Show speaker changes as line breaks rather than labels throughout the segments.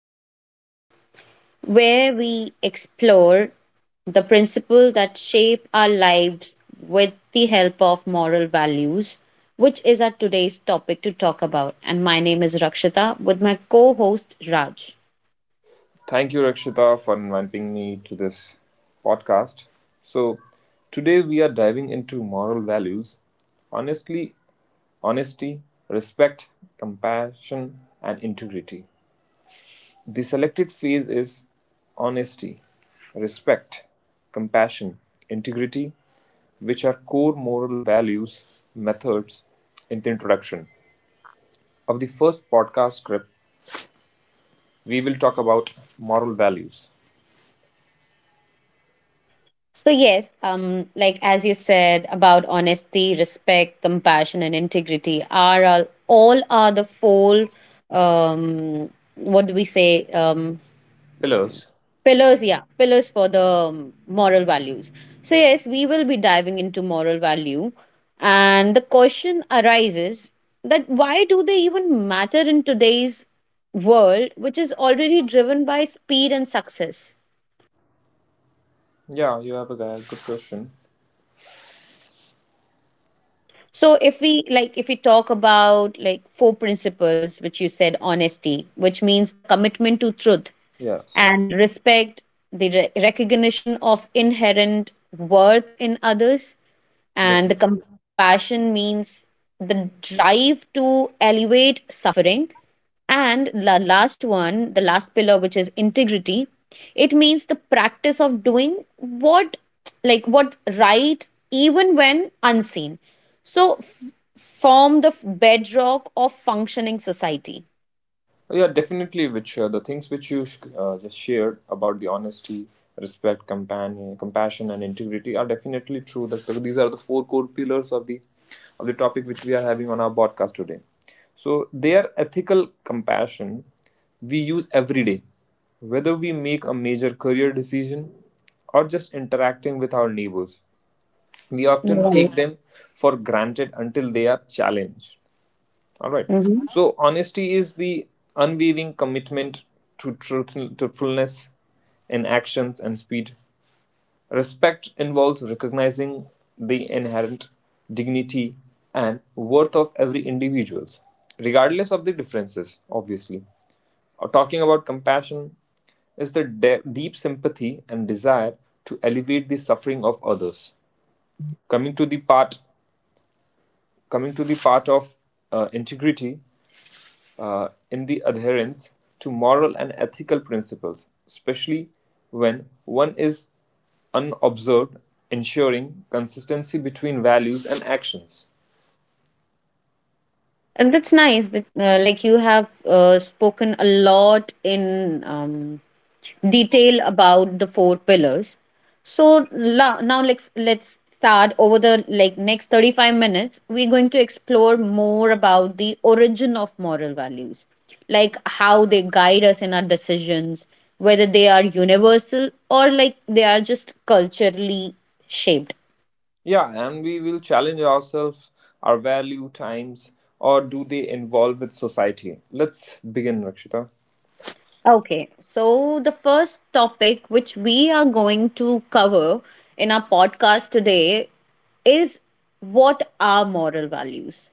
podcast, where we explore the principle that shape our lives with the help of moral values, which is our today's topic to talk about. And my name is Rakshita with my co-host Raj.
Thank you, Rakshita, for inviting me to this podcast. So, today we are diving into moral values honestly, honesty, respect, compassion, and integrity. The selected phase is honesty, respect, compassion, integrity, which are core moral values, methods in the introduction of the first podcast script. We will talk about moral values,
So yes, like as you said about honesty, respect, compassion, and integrity are all are the four um, what do we say
pillars.
pillars, yeah, pillars for the moral values. So yes, we will be diving into moral value, and the question arises that why do they even matter in today's world, which is already driven by speed and success.
Yeah, you have a good question.
So if we like if we talk about like four principles which you said: honesty, which means the commitment to truth,
Yes,
and respect, the recognition of inherent worth in others, and the
definitely.
compassion means the drive to alleviate suffering, and the last one, the last pillar, which is integrity, it means the practice of doing what, like what right, even when unseen. So, form the bedrock of functioning society.
Oh, yeah, definitely. Which the things which you just shared about the honesty, respect, compassion, and integrity are definitely true, that these are the four core pillars of the topic which we are having on our podcast today. So their ethical compassion we use every day, whether we make a major career decision or just interacting with our neighbors. We often
Right.
take them for granted until they are challenged. All right.
Mhm.
So honesty is the unwavering commitment to truthfulness in actions and speed. Respect involves recognizing the inherent dignity and worth of every individual, regardless of the differences, obviously. Or talking about compassion is the deep sympathy and desire to elevate the suffering of others. Coming to the part, coming to the part of integrity, in the adherence to moral and ethical principles, especially when one is unobserved, ensuring consistency between values and actions.
And that's nice that like you have spoken a lot in detail about the four pillars. So now let's start over the like next 35 minutes. We're going to explore more about the origin of moral values, like how they guide us in our decisions, whether they are universal or like they are just culturally shaped.
Yeah, and we will challenge ourselves, our value times, or do they involve with society? Let's begin, Rakshita.
Okay, so the first topic which we are going to cover in our podcast today is, what are moral values?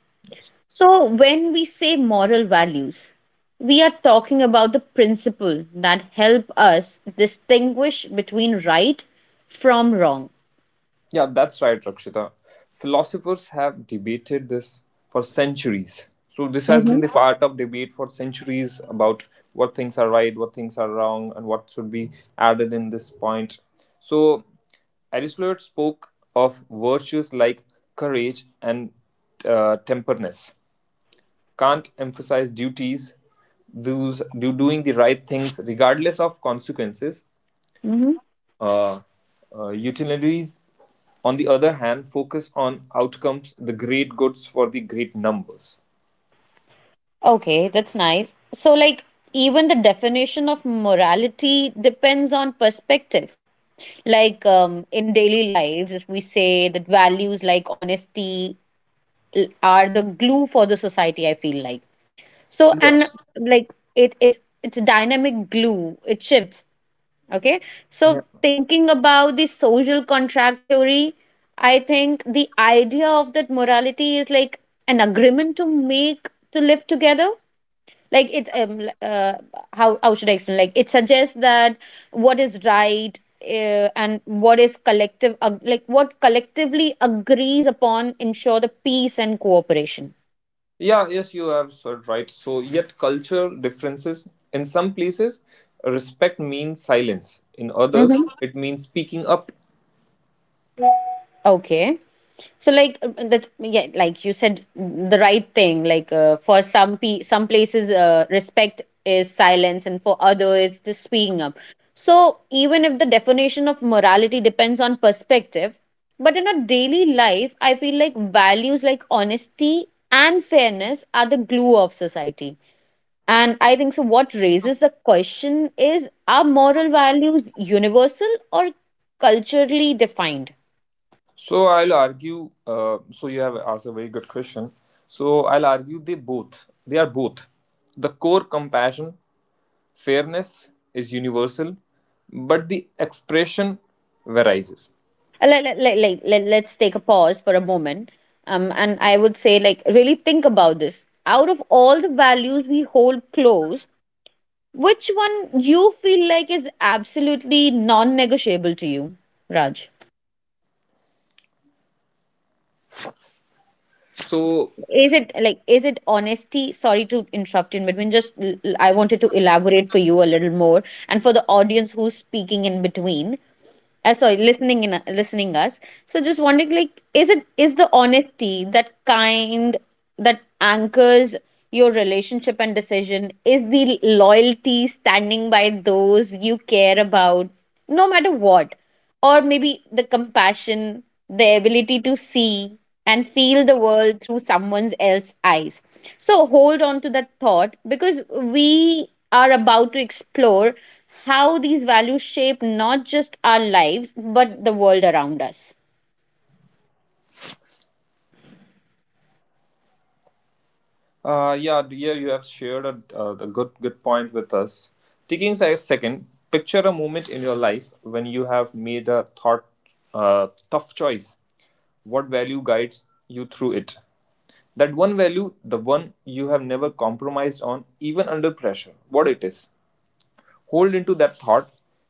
So, when we say moral values, we are talking about the principle that help us distinguish between right from wrong.
Yeah, that's right, Rakshita. Philosophers have debated this for centuries. So, this has been
Mm-hmm.
the part of debate for centuries about what things are right, what things are wrong, and what should be added in this point. So, Aristotle spoke of virtues like courage and temperance. Kant emphasized duties, those do doing the right things regardless of consequences, uh, utilitarians, on the other hand, focus on outcomes, the great goods for the great numbers.
Okay, that's nice. So, like, even the definition of morality depends on perspective. Like, in daily lives, if we say that values like honesty are the glue for the society, I feel like. So,
Yeah.
and like, it, it, it's a dynamic glue, it shifts. Okay. So,
Yeah.
thinking about the social contract theory, I think the idea of that morality is like an agreement to make to live together, like it's how should I explain, like it suggests that what is right and what is collective like what collectively agrees upon ensure the peace and cooperation.
Yeah, yes, you have said right. So, yet culture differences. In some places, respect means silence. In others,
Hmm.
it means speaking up.
Okay. So like, that's yeah, like you said the right thing. Like for some some places, respect is silence, and for others, it's just speaking up. So even if the definition of morality depends on perspective, but in a daily life, I feel like values like honesty and fairness are the glue of society. And I think so. What raises the question is: are moral values universal or culturally defined?
So, I'll argue. So, you have asked a very good question. So, I'll argue they are both. The core compassion fairness is universal, but the expression varies.
Let's take a pause for a moment, and I would say like really think about this. Out of all the values we hold close, which one you feel like is absolutely non-negotiable to you, Raj? Like,
So,
is it honesty? Sorry to interrupt in between, just I wanted to elaborate for you a little more and for the audience who's speaking in between, sorry listening in, listening us. So just wondering, like is it, is the honesty that kind that anchors your relationship and decision, is the loyalty standing by those you care about no matter what, or maybe the compassion, the ability to see and feel the world through someone else's eyes. So hold on to that thought, because we are about to explore how these values shape not just our lives but the world around us.
yeah, dear, you have shared a good point with us. Taking a second, picture a moment in your life when you have made a thought uh, tough choice. What value guides you through it? That one value, the one you have never compromised on, even under pressure. What it is? Hold into that thought,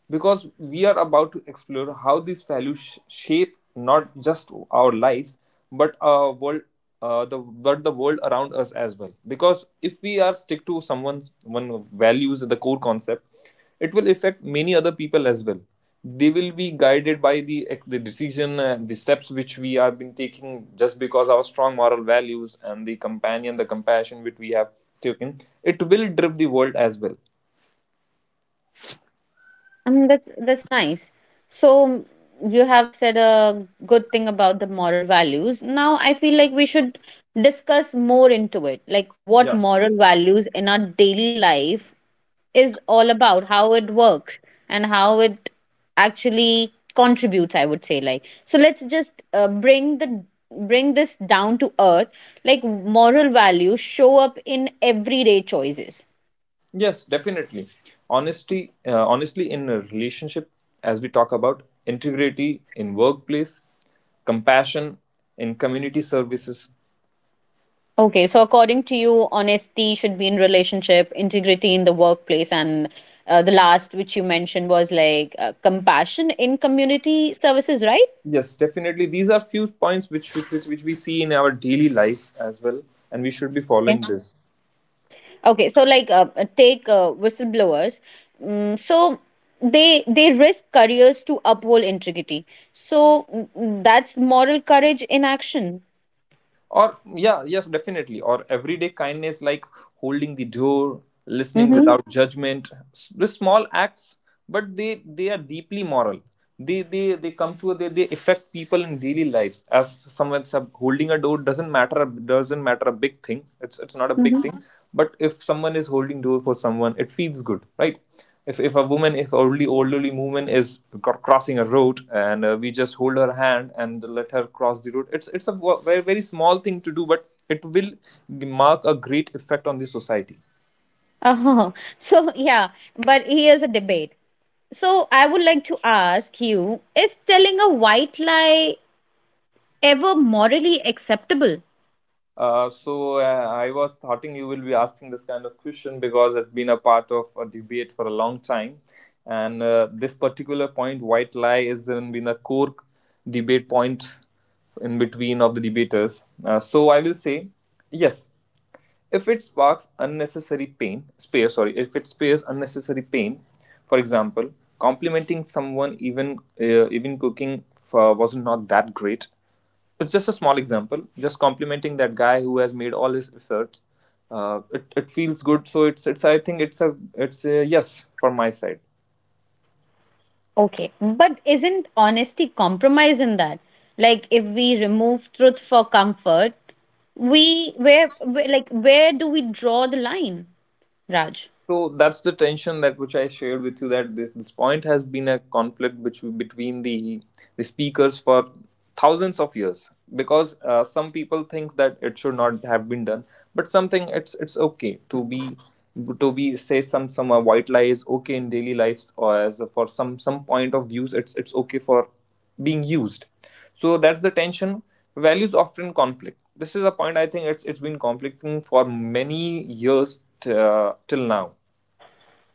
because we are about to explore how these values shape not just our lives but our world, the world around us as well, because if we are stick to someone's one values, the core concept, it will affect many other people as well. They will be guided by the decision and the steps which we have been taking just because our strong moral values and the compassion which we have taken. It will drive the world as well.
That's nice. So you have said a good thing about the moral values. Now I feel like we should discuss more into it, like what
Yeah.
moral values in our daily life is all about, how it works, and how it actually contributes. I would say, like, so let's just bring this down to earth. Like moral values show up in everyday choices.
Yes, definitely. Honestly, in a relationship, as we talk about integrity in workplace, compassion in community services.
Okay, so according to you, honesty should be in relationship, integrity in the workplace, and the last which you mentioned was like compassion in community services, right?
Yes, definitely. These are few points which we see in our daily lives as well, and we should be
Okay.
following this.
Okay, so like take whistleblowers. Mm, so they risk careers to uphold integrity. So that's moral courage in action.
Or, yeah, yes, definitely. Or everyday kindness, like holding the door, listening
Mm-hmm.
without judgment. The small acts, but they are deeply moral. They come to they affect people in daily lives. As someone holding a door doesn't matter a big thing, it's not a
Mm-hmm.
big thing, but if someone is holding door for someone, it feels good, right? If elderly woman is crossing a road, and we just hold her hand and let her cross the road, it's a very, very small thing to do, but it will mark a great effect on the society.
Uh-huh. So, yeah, but here's a debate. So, I would like to ask you, is telling a white lie ever morally acceptable?
So, I was thoughting you will be asking this kind of question, because it's been a part of a debate for a long time, and this particular point, white lie, is then been a core debate point in between of the debaters. So I will say yes. If it sparks unnecessary pain, if it spares unnecessary pain, for example, complimenting someone, even even cooking for, was not that great. It's just a small example. Just complimenting that guy who has made all his efforts. It feels good, so it's I think it's a yes for my side.
Okay, but isn't honesty compromise in that? Like, if we remove truth for comfort, we where like where do we draw the line, Raj?
So that's the tension that which I shared with you, that this point has been a conflict, between the speakers for thousands of years, because some people thinks that it should not have been done, but something it's okay to be, say some white lie is okay in daily lives, or as for some point of views it's okay for being used. So that's the tension. Values often conflict, this is a point, I think it's been conflicting for many years, till now.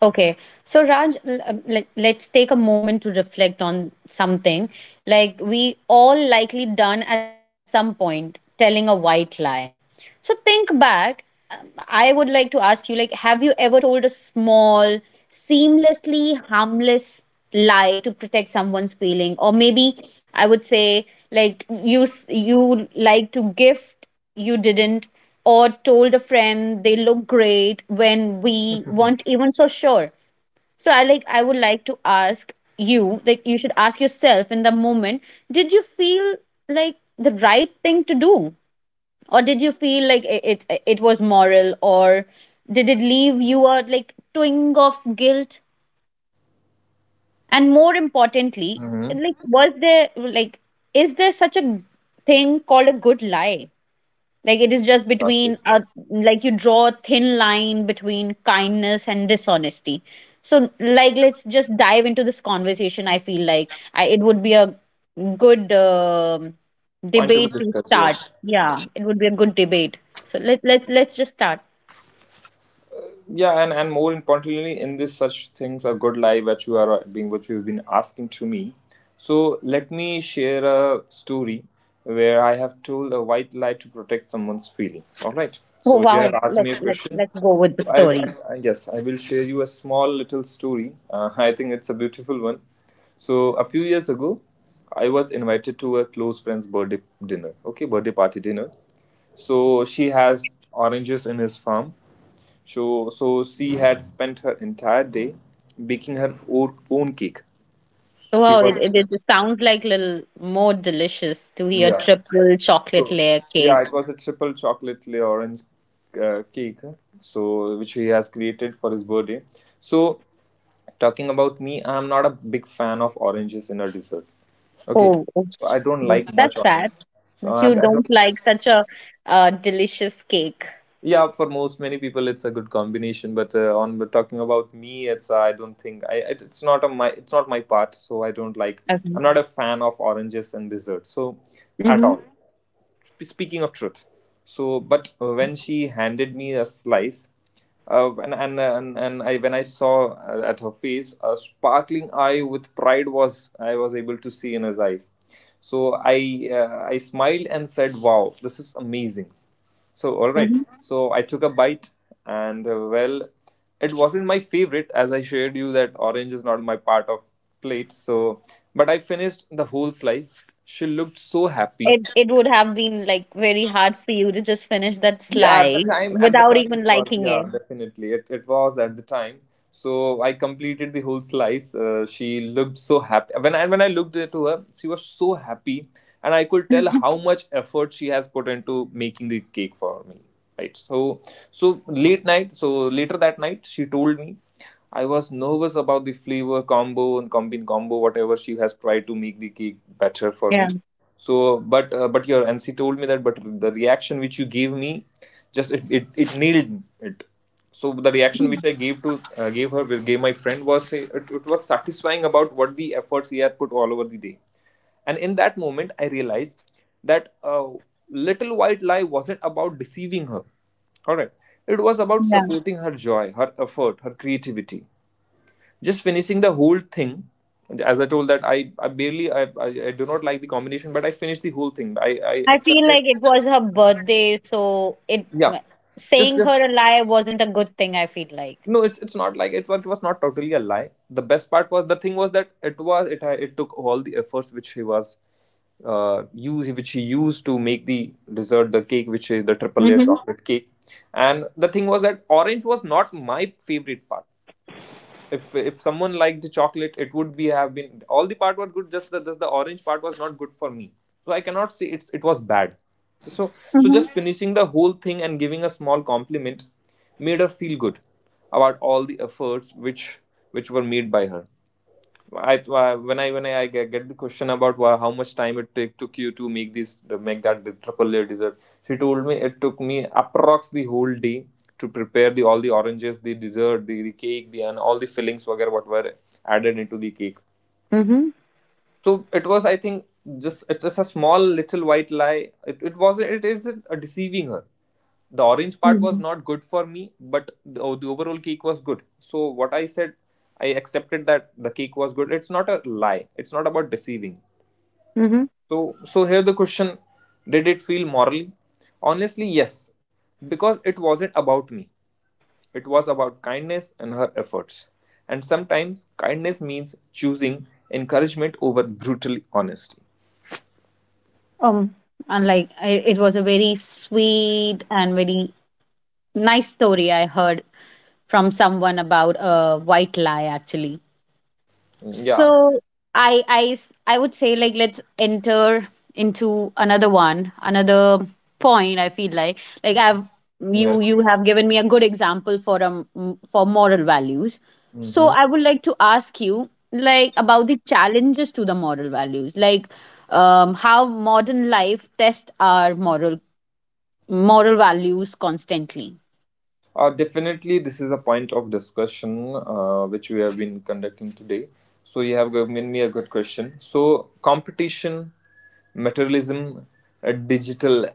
Okay. So, Raj, let's take a moment to reflect on something. Like, we all likely done at some point telling a white lie. So, think back. Um, I would like to ask you, like, have you ever told a small, seamlessly harmless lie to protect someone's feeling? Or maybe I would say, like, you like to gift you didn't, or told a friend they look great when we weren't even so sure. So I like, I would like to ask you, like you should ask yourself in the moment, did you feel like the right thing to do, or did you feel like it was moral, or did it leave you a like twinge of guilt? And more importantly,
Mhm.
like was there like, is there such a thing called a good lie? Like it is just
That's it.
between a like you draw a thin line between kindness and dishonesty. So like let's just dive into this conversation. I feel like it would be a good
Point to be
debate to
discussed,
start.
yes,
Yeah, it would be a good debate. So let's just start.
yeah, and more importantly, in this such things a good life that you are being, what you've been asking to me. So let me share a story where I have told a white lie to protect someone's feeling. All right,
Oh
so you
wow,
have asked me a question,
let's go with the
so I, I,
story.
I yes, I will share you a small little story, I think it's a beautiful one. So a few years ago I was invited to a close friend's birthday dinner okay birthday party dinner. So she has oranges in his farm. So, she had spent her entire day baking her own cake.
So
She
wow,
was,
it sounds like little more delicious to hear
yeah.
triple chocolate
So,
layer
yeah,
cake.
it was a triple chocolate layer orange cake, So, which he has created for his birthday. So, talking about me, I'm not a big fan of oranges in a dessert. Okay,
Oh,
so
oops.
I don't
that's
like much
that's sad.
orange. So
That
I
you don't
don't.
like such a delicious cake.
Yeah, for most many people it's a good combination, but on but talking about me, it's I don't think it's not my part, so I don't like.
Okay.
I'm not a fan of oranges and dessert, so at
Mm-hmm.
all. Speaking of truth, so but when she handed me a slice, when I saw, at her face, a sparkling eye with pride was I was able to see in his eyes. So I smiled and said, "Wow, this is amazing." So all right,
Mm-hmm.
so I took a bite, and well, it wasn't my favorite, as I shared you that orange is not my part of plate. So, but I finished the whole slice. She looked so happy.
It would have been like very hard for you to just finish that
Yeah, at the
slice
time at the
without
time it
even
was,
liking
yeah,
it.
definitely, it was at the time. So I completed the whole slice, she looked so happy, when I looked into her, she was so happy, and I could tell how much effort she has put into making the cake for me, right? So later that night she told me, I was nervous about the flavor combo and combin combo, whatever she has tried to make the cake better for me,
Yeah.
so but your nc told me that, but the reaction which you gave me, just it nailed it. So the reaction which I gave to gave her gave my friend was it was satisfying about what the efforts he had put all over the day. And in that moment I realized that little white lie wasn't about deceiving her. All right, it was about
Yeah.
supporting her joy, her effort, her creativity, just finishing the whole thing. As I told that I barely I do not like the combination, but I finished the whole thing, I
I feel
accepted.
like it was her birthday, so it
Yeah, just
saying her a
just
lie wasn't a good thing. I feel like.
no, it's not like it was, not totally a lie. The best part was, the thing was that it was it had- it took all the efforts which he used to make the dessert, the cake, which is the triple layer
Mm-hmm.
chocolate cake. And the thing was that orange was not my favorite part. If someone liked the chocolate, it would be, have been, all the part was good. Just the orange part was not good for me, so I cannot say it's, it was bad. So so
Mm-hmm.
just finishing the whole thing and giving a small compliment made her feel good about all the efforts which were made by her. I when I when I get the question about how much time it take took you to make that the triple layer dessert. She told me it took me approx the whole day to prepare the all the oranges, the dessert, the cake, the and all the fillings whatever what were added into the cake.
Mm-hmm.
So it was, I think, just a small little white lie. It is a deceiving her. The orange part was
Mm-hmm.
not good for me, but the overall cake was good, so what I said, I accepted that the cake was good. It's not a lie, it's not about deceiving.
Mm-hmm.
So here the question: did it feel morally? Honestly, yes, because it wasn't about me. It was about kindness and her efforts, and sometimes kindness means choosing encouragement over brutal honesty.
Um, and like it was a very sweet and very nice story I heard from someone about a white lie actually.
Mm,
So
yeah.
I would say like let's enter into another one, another point I feel like. Like I've You
Yes.
you have given me a good example for for moral values. So
Yeah.
I would like to ask you like about the challenges to the moral values, like how modern life tests our moral values constantly.
Definitely, this is a point of discussion, which we have been conducting today. So, you have given me a good question. So, competition, materialism, digital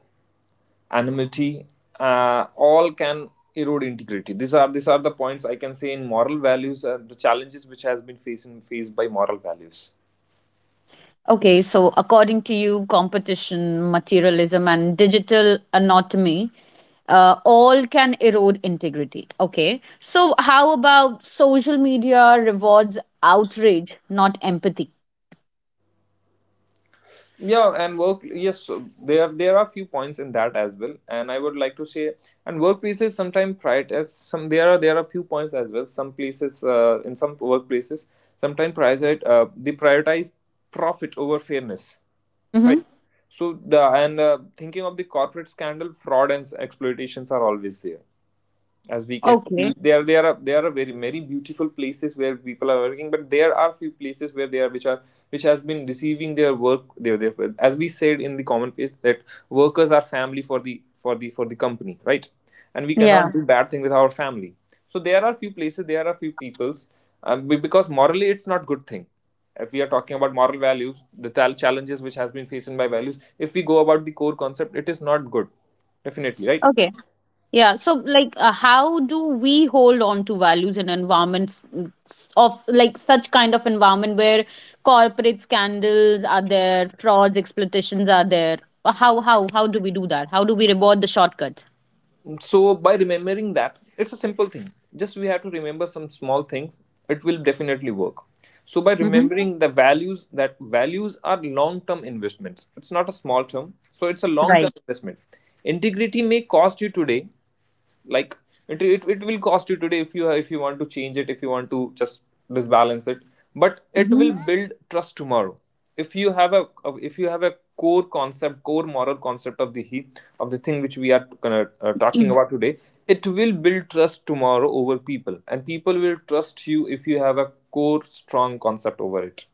anonymity, all can erode integrity. These are the points I can say in moral values. The challenges which has been facing faced by moral values.
Okay, so according to you, competition, materialism, and digital anatomy, all can erode integrity. Okay, so how about social media rewards outrage, not empathy?
Yeah, and work yes, so there are few points in that as well, and I would like to say and workplaces sometimes prioritize some, there are few points as well, some places, in some workplaces sometimes prioritize they prioritize profit over fairness.
Mm-hmm.
So the and thinking of the corporate scandal, fraud and exploitations are always there, as we can
Okay,
see. There are very many beautiful places where people are working, but there are few places where they are which has been receiving their work, their, as we said in the common page that workers are family for the for the company, right? And we
yeah.
cannot do bad thing with our family. So there are few places, there are few peoples, because morally it's not good thing. If we are talking about moral values, the challenges which has been faced by values, if we go about the core concept, it is not good, definitely, right?
Okay, yeah. So, like, how do we hold on to values in environments of like such kind of environment where corporate scandals are there, frauds, exploitations are there? How do we do that? How do we reward the shortcut?
So by remembering that, it's a simple thing. Just we have to remember some small things. It will definitely work. So by
Mm-hmm.
remembering the values that values are long-term investments. It's not a small term. So it's a long-term
Right.
investment. Integrity may cost you today, like it will cost you today. If you if you want to change it, if you want to just disbalance it, but it
Mm-hmm.
will build trust tomorrow. If you have a if you have a core concept, core moral concept of the heat of the thing which we are talking about today, it will build trust tomorrow over people, and people will trust you if you have a core strong concept over it.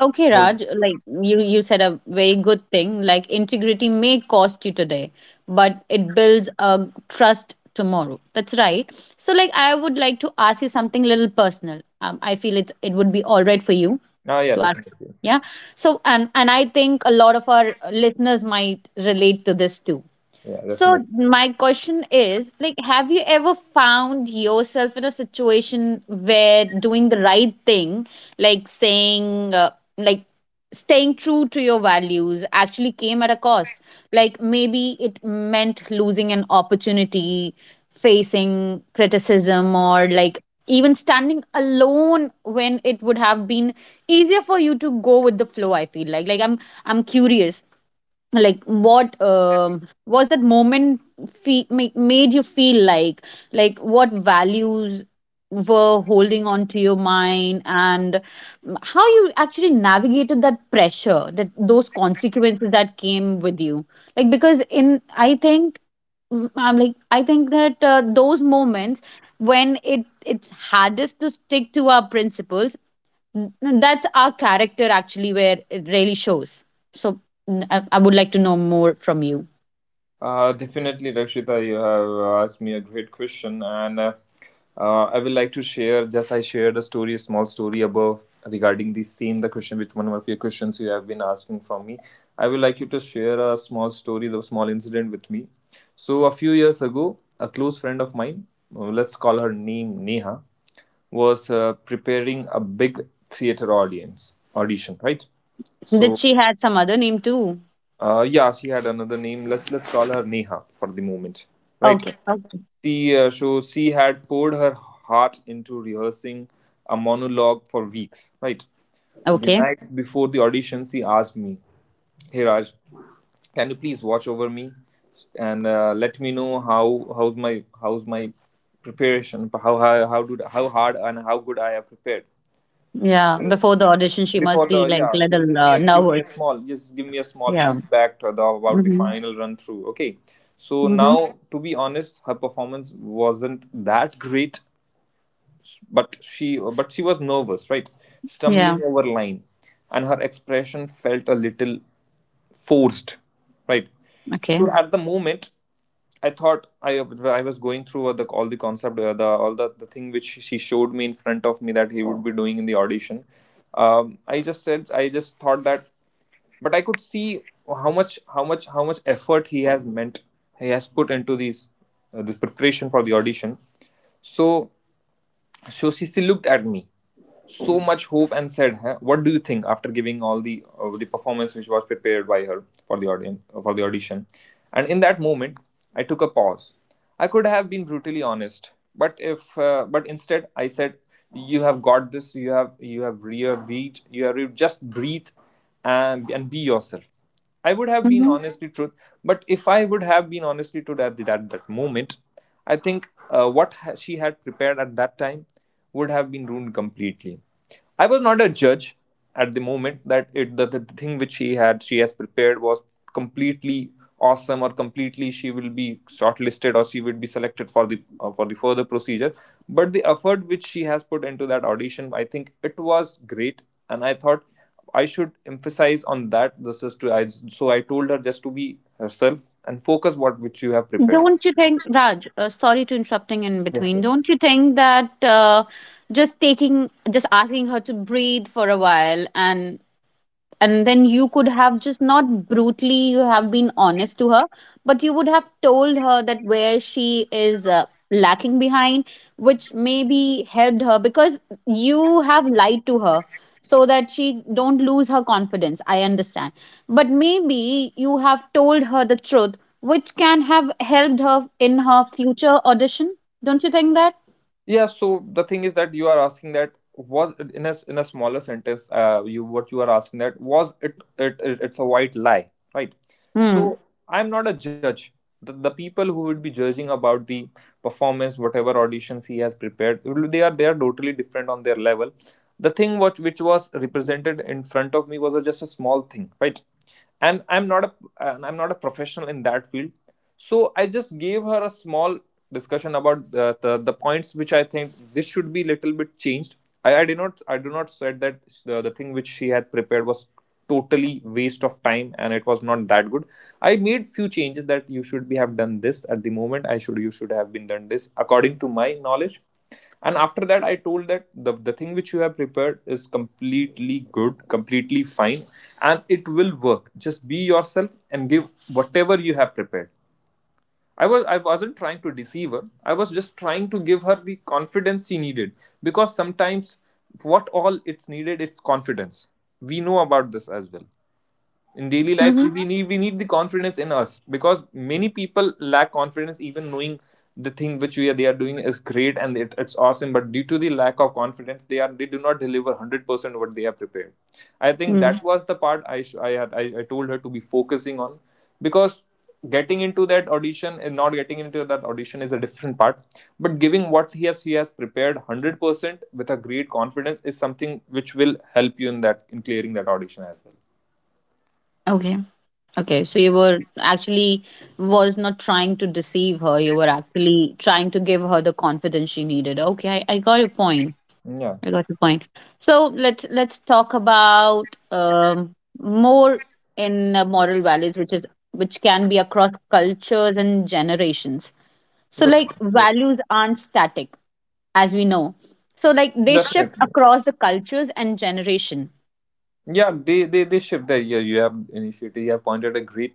Okay, Raj, like you said a very good thing. Like integrity may cost you today, but it builds a trust tomorrow. That's right. So, like, I would like to ask you something little personal. I feel it would be all right for you
Ah, yeah,
to ask.
definitely.
Yeah. So, and I think a lot of our listeners might relate to this too.
Yeah,
So
definitely.
my question is, like have you ever found yourself in a situation where doing the right thing, like saying like staying true to your values actually came at a cost, like maybe it meant losing an opportunity, facing criticism, or like even standing alone when it would have been easier for you to go with the flow. I feel like, I'm curious, like what was that moment made you feel like what values were holding on to your mind, and how you actually navigated that pressure, that those consequences that came with you. Like because in I think, I think that those moments when it's hardest to stick to our principles, n- that's our character actually where it really shows. So I would like to know more from you.
Definitely, Rakshita, you have asked me a great question, and I would like to share. Just I shared a story, a small story above regarding the question with one of your questions you have been asking from me. I would like you to share a small story, the small incident with me. So a few years ago, a close friend of mine, let's call her name Neha, was preparing a big theater audience audition, right?
Did
So
she had some other name too?
yeah, she had another name. Let's call her Neha for the moment, right?
Okay, okay.
She had poured her heart into rehearsing a monologue for weeks. Right, the
Okay.
nights before the audition, she asked me, "Hey Raj, can you please watch over me and let me know how how's my preparation? How hard and how good I have prepared."
Yeah. Before the audition, she
Before
must
the,
be like
yeah, just
little nervous.
give me a small
Yeah.
feedback to about the
Mm-hmm.
final run through. Okay, so
Mm-hmm.
now to be honest, her performance wasn't that great, but she was nervous, right,
Yeah.
stumbling over line, and her expression felt a little forced, right? So
Okay.
at the moment, I thought, I was going through all the concept, the thing which she showed me in front of me that he would be doing in the audition. I just thought that, but I could see how much how much effort he has put into these this preparation for the audition. So so she still looked at me so much hope and said, "Huh? What do you think?" after giving all the, the performance which was prepared by her for the audience, for the audition. And in that moment, I took a pause. I could have been brutally honest, but if but instead I said, "You have got this. You have, you have, you have read. Just breathe and be yourself." I would have been
Mm-hmm.
honestly truth, but if I would have been honestly truth at that moment, I think, what she had prepared at that time would have been ruined completely. I was not a judge at the moment that the thing which she has prepared was completely awesome or completely, she will be shortlisted, or she would be selected for the further procedure. But the effort which she has put into that audition, I think it was great, and I thought I should emphasize on that. This is to I so I told her just to be herself and focus what which you have prepared.
Don't you think, Raj? Sorry to interrupting in
Yes,
between.
sir.
Don't you think that just taking, just asking her to breathe for a while, and then you could have just not brutally, you have been honest to her, but you would have told her that where she is lacking behind, which maybe helped her because you have lied to her so that she don't lose her confidence, I understand, but maybe you have told her the truth, which can have helped her in her future audition. Don't you think that?
Yeah. So the thing is that you are asking that was it in a smaller sentence. You What you are asking, that was it's a white lie, right?
Hmm.
So I'm not a judge. The people who would be judging about the performance, whatever auditions he has prepared, they are totally different on their level. The thing what which was represented in front of me was just a small thing, right? and i'm not a and I'm not a professional in that field. So I just gave her a small discussion about the points which I think this should be little bit changed. I do not said that the thing which she had prepared was totally waste of time and it was not that good. I made few changes that you should be have done this at the moment, I should you should have been done this according to my knowledge. And after that I told that the thing which you have prepared is completely good, completely fine, and it will work. Just be yourself and give whatever you have prepared. I wasn't trying to deceive her. I was just trying to give her the confidence she needed. Because sometimes what all it's needed, it's confidence. We know about this as well. In daily
Mm-hmm.
life, we need the confidence in us, because many people lack confidence even knowing the thing which we are they are doing is great, and it's awesome, but due to the lack of confidence, they do not deliver 100% what they are prepared. I think
Mm.
that was the part I sh- I, had, I told her to be focusing on, because getting into that audition and not getting into that audition is a different part, but giving what he has prepared 100% with a great confidence is something which will help you in clearing that audition as
Okay. Okay, so you were actually was not trying to deceive her. You were actually trying to give her the confidence she needed. Okay, I got your point.
well. Yeah.
I got your point. So let's talk about more in moral values, which can be across cultures and generations. So
Good
like
point.
values aren't static, as we know. So like they shift
Definitely.
across the cultures and generation.
Yeah, they shift that. Yeah, you have initiated, you have pointed a great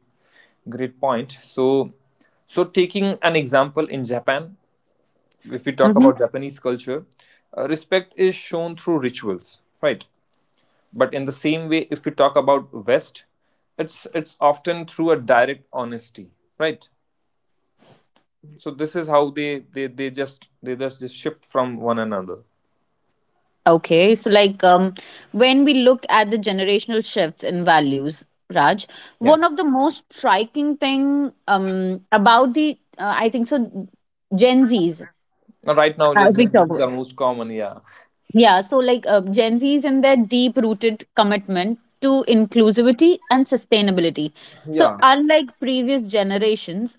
great point. So, so taking an example in Japan, if we talk
Mm-hmm.
about Japanese culture, respect is shown through rituals, right? But in the same way, if we talk about West, it's often through a direct honesty, right? So this is how they just shift from one another.
Okay, so like when we look at the generational shifts in values, Raj,
Yeah.
one of the most striking thing about the I think so Gen Zs.
Now, Right now, the
If we
Gen
talk
Zs
about,
are most common. Yeah.
yeah, so like Gen Zs and their deep rooted commitment to inclusivity and sustainability. So
Yeah.
unlike previous generations,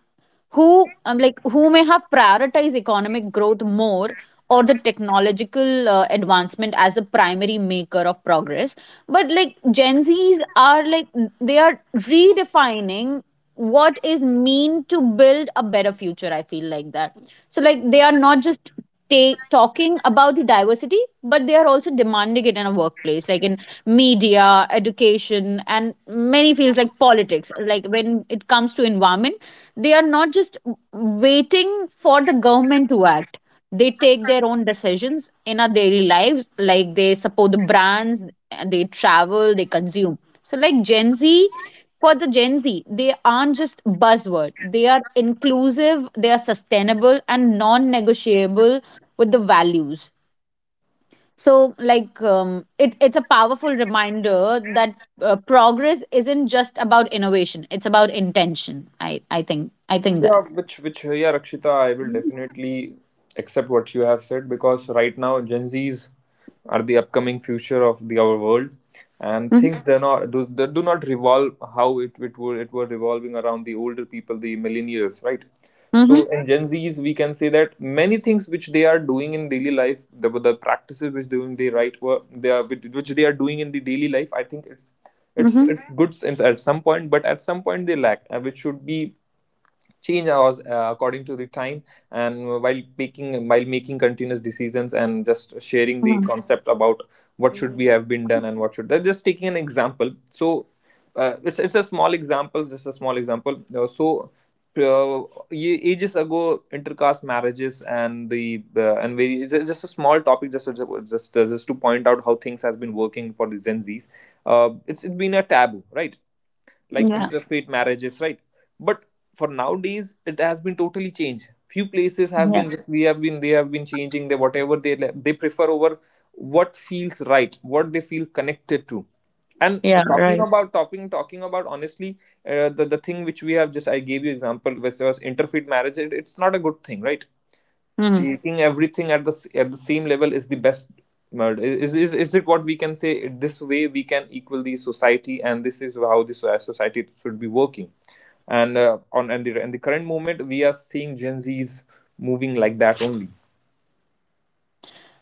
who like who may have prioritized economic growth more, or the technological advancement as a primary maker of progress, but like gen z's are like they are redefining what is mean to build a better future, I feel like that. So like they are not just talking about the diversity, but they are also demanding it in a workplace, like in media, education, and many fields like politics, like when it comes to environment, they are not just waiting for the government to act. They take their own decisions in our daily lives, like they support the brands, and they travel, they consume. So like gen z, for the Gen Z, they aren't just buzzword. They are inclusive, they are sustainable and non-negotiable with the values. So, like, it's a powerful reminder that progress isn't just about innovation; it's about intention. I think
Yeah,
that.
Rakshita, I will definitely accept what you have said, because right now Gen Zs are the upcoming future of the our world, and
Mm-hmm.
things do not do, they do not revolve how it were revolving around the older people, the millennials, right? So
Mm-hmm.
in Gen Zs, we can say that many things which they are doing in daily life, the practices which doing they right were they are which they are doing in the daily life, I think it's, it's
Mm-hmm.
it's good since at some point, but at some point they lack, which should be change ours, according to the time. And while making continuous decisions and just sharing the concept about what should we have been done and what should they're just taking an example. So it's a small example, just a small example. So ages ago, intercaste marriages and the, and very, it's just a small topic, just to point out how things has been working for the gen z's. It's been a taboo, right, like
Yeah.
interfaith marriages, right? But for nowadays, it has been totally changed. Few places have
Yeah.
been just, we have been they have been changing the whatever they they prefer over what feels right, what they feel connected to. And
Yeah.
talking
Right.
about, honestly, the thing which we have just I gave you example which was interfaith marriage. It's not a good thing, right? Taking everything at the same level is the best. Murder is, it what we can say this way we can equal the society, and this is how this society should be working. And on, and the current moment, we are seeing gen z's moving like that only.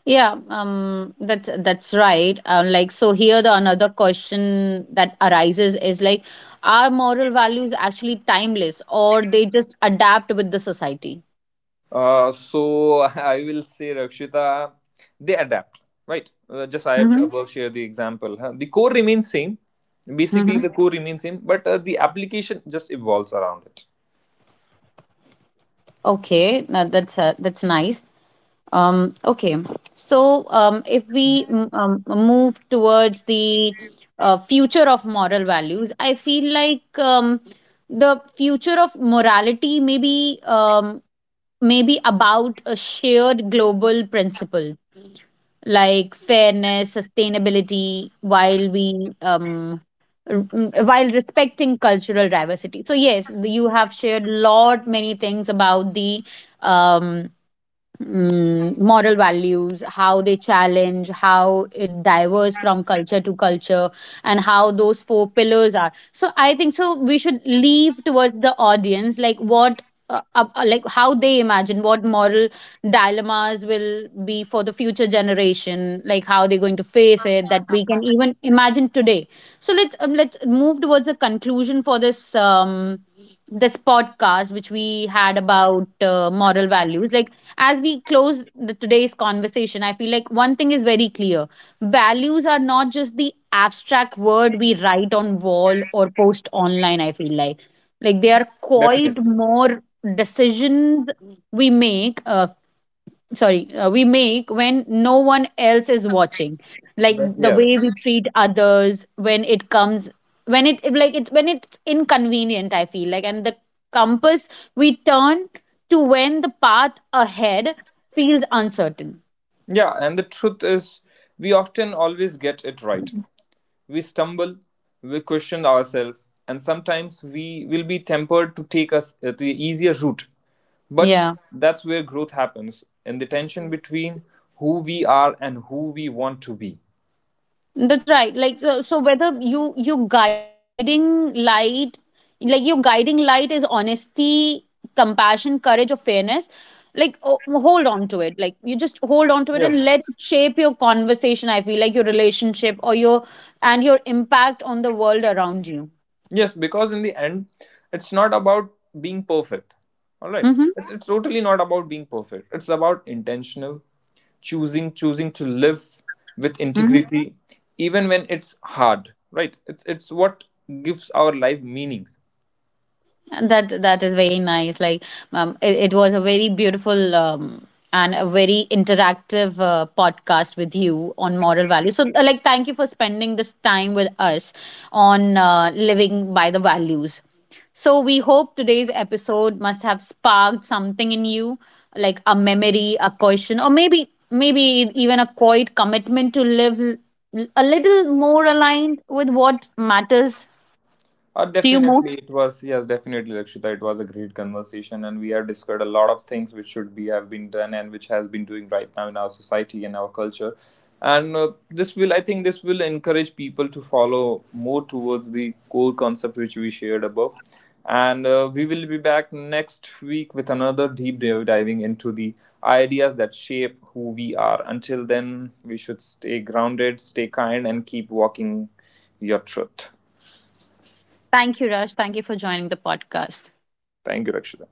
Yeah, that's right. Like so, here the another question that arises is like, are moral values actually timeless, or they just adapt with the society?
So I will say, Rakshita, they adapt, right? Just I have
Mm-hmm.
above share the example. Huh? The core remains same, basically.
Mm-hmm.
The core remains same, but the application just evolves around it.
Okay, now that's nice. Okay, so if we move towards the future of moral values, I feel like the future of morality maybe about a shared global principle like fairness, sustainability, while r- while respecting cultural diversity. So yes, you have shared lot many things about the um, moral values, how they challenge, how it diverges from culture to culture, and how those four pillars are. So I think so we should leave towards the audience like what. Like how they imagine what moral dilemmas will be for the future generation, like how they're going to face it that we can even imagine today. So let's move towards a conclusion for this this podcast which we had about moral values. Like as we close today's conversation, I feel like one thing is very clear. Values are not just the abstract word we write on wall or post online, I feel like. Like they are quite
Definitely.
more decisions we make, uh, we make when no one else is watching, like
But
the way we
yes.
treat others when it's inconvenient, I feel like, and the compass we turn to when the path ahead feels uncertain.
Yeah, and the truth is, we often always get it right. We stumble, we question ourselves, and sometimes we will be tempted to take us the easier route. But
Yeah.
that's where growth happens, in the tension between who we are and who we want to be.
That's right. Like so whether you guiding light, like your guiding light is honesty, compassion, courage, or fairness. Like oh, hold on to it. Like you just hold on to it, and
Yes.
let it shape your conversation. I feel like your relationship or your and your impact on the world around you.
Yes, because in the end, it's not about being perfect. All right.
Mm-hmm.
It's totally not about being perfect. It's about intentional, choosing to live with
Mm-hmm.
integrity, even when it's hard, right? It's what gives our life meanings.
That is very nice. Like it was a very beautiful and a very interactive podcast with you on moral values. So like thank you for spending this time with us on living by the values. So we hope today's episode must have sparked something in you, like a memory, a question, or maybe even a quiet commitment to live a little more aligned with what matters to you
Definitely,
most.
it was, yes, definitely, Lakshita, it was a great conversation, and we have discussed a lot of things which should be have been done and which has been doing right now in our society and our culture. And this will, I think, this will encourage people to follow more towards the core concept which we shared above. And we will be back next week with another deep dive diving into the ideas that shape who we are. Until then, we should stay grounded, stay kind, and keep walking your truth.
Thank you, Raj. Thank you for joining the podcast.
Thank you, Rakshita.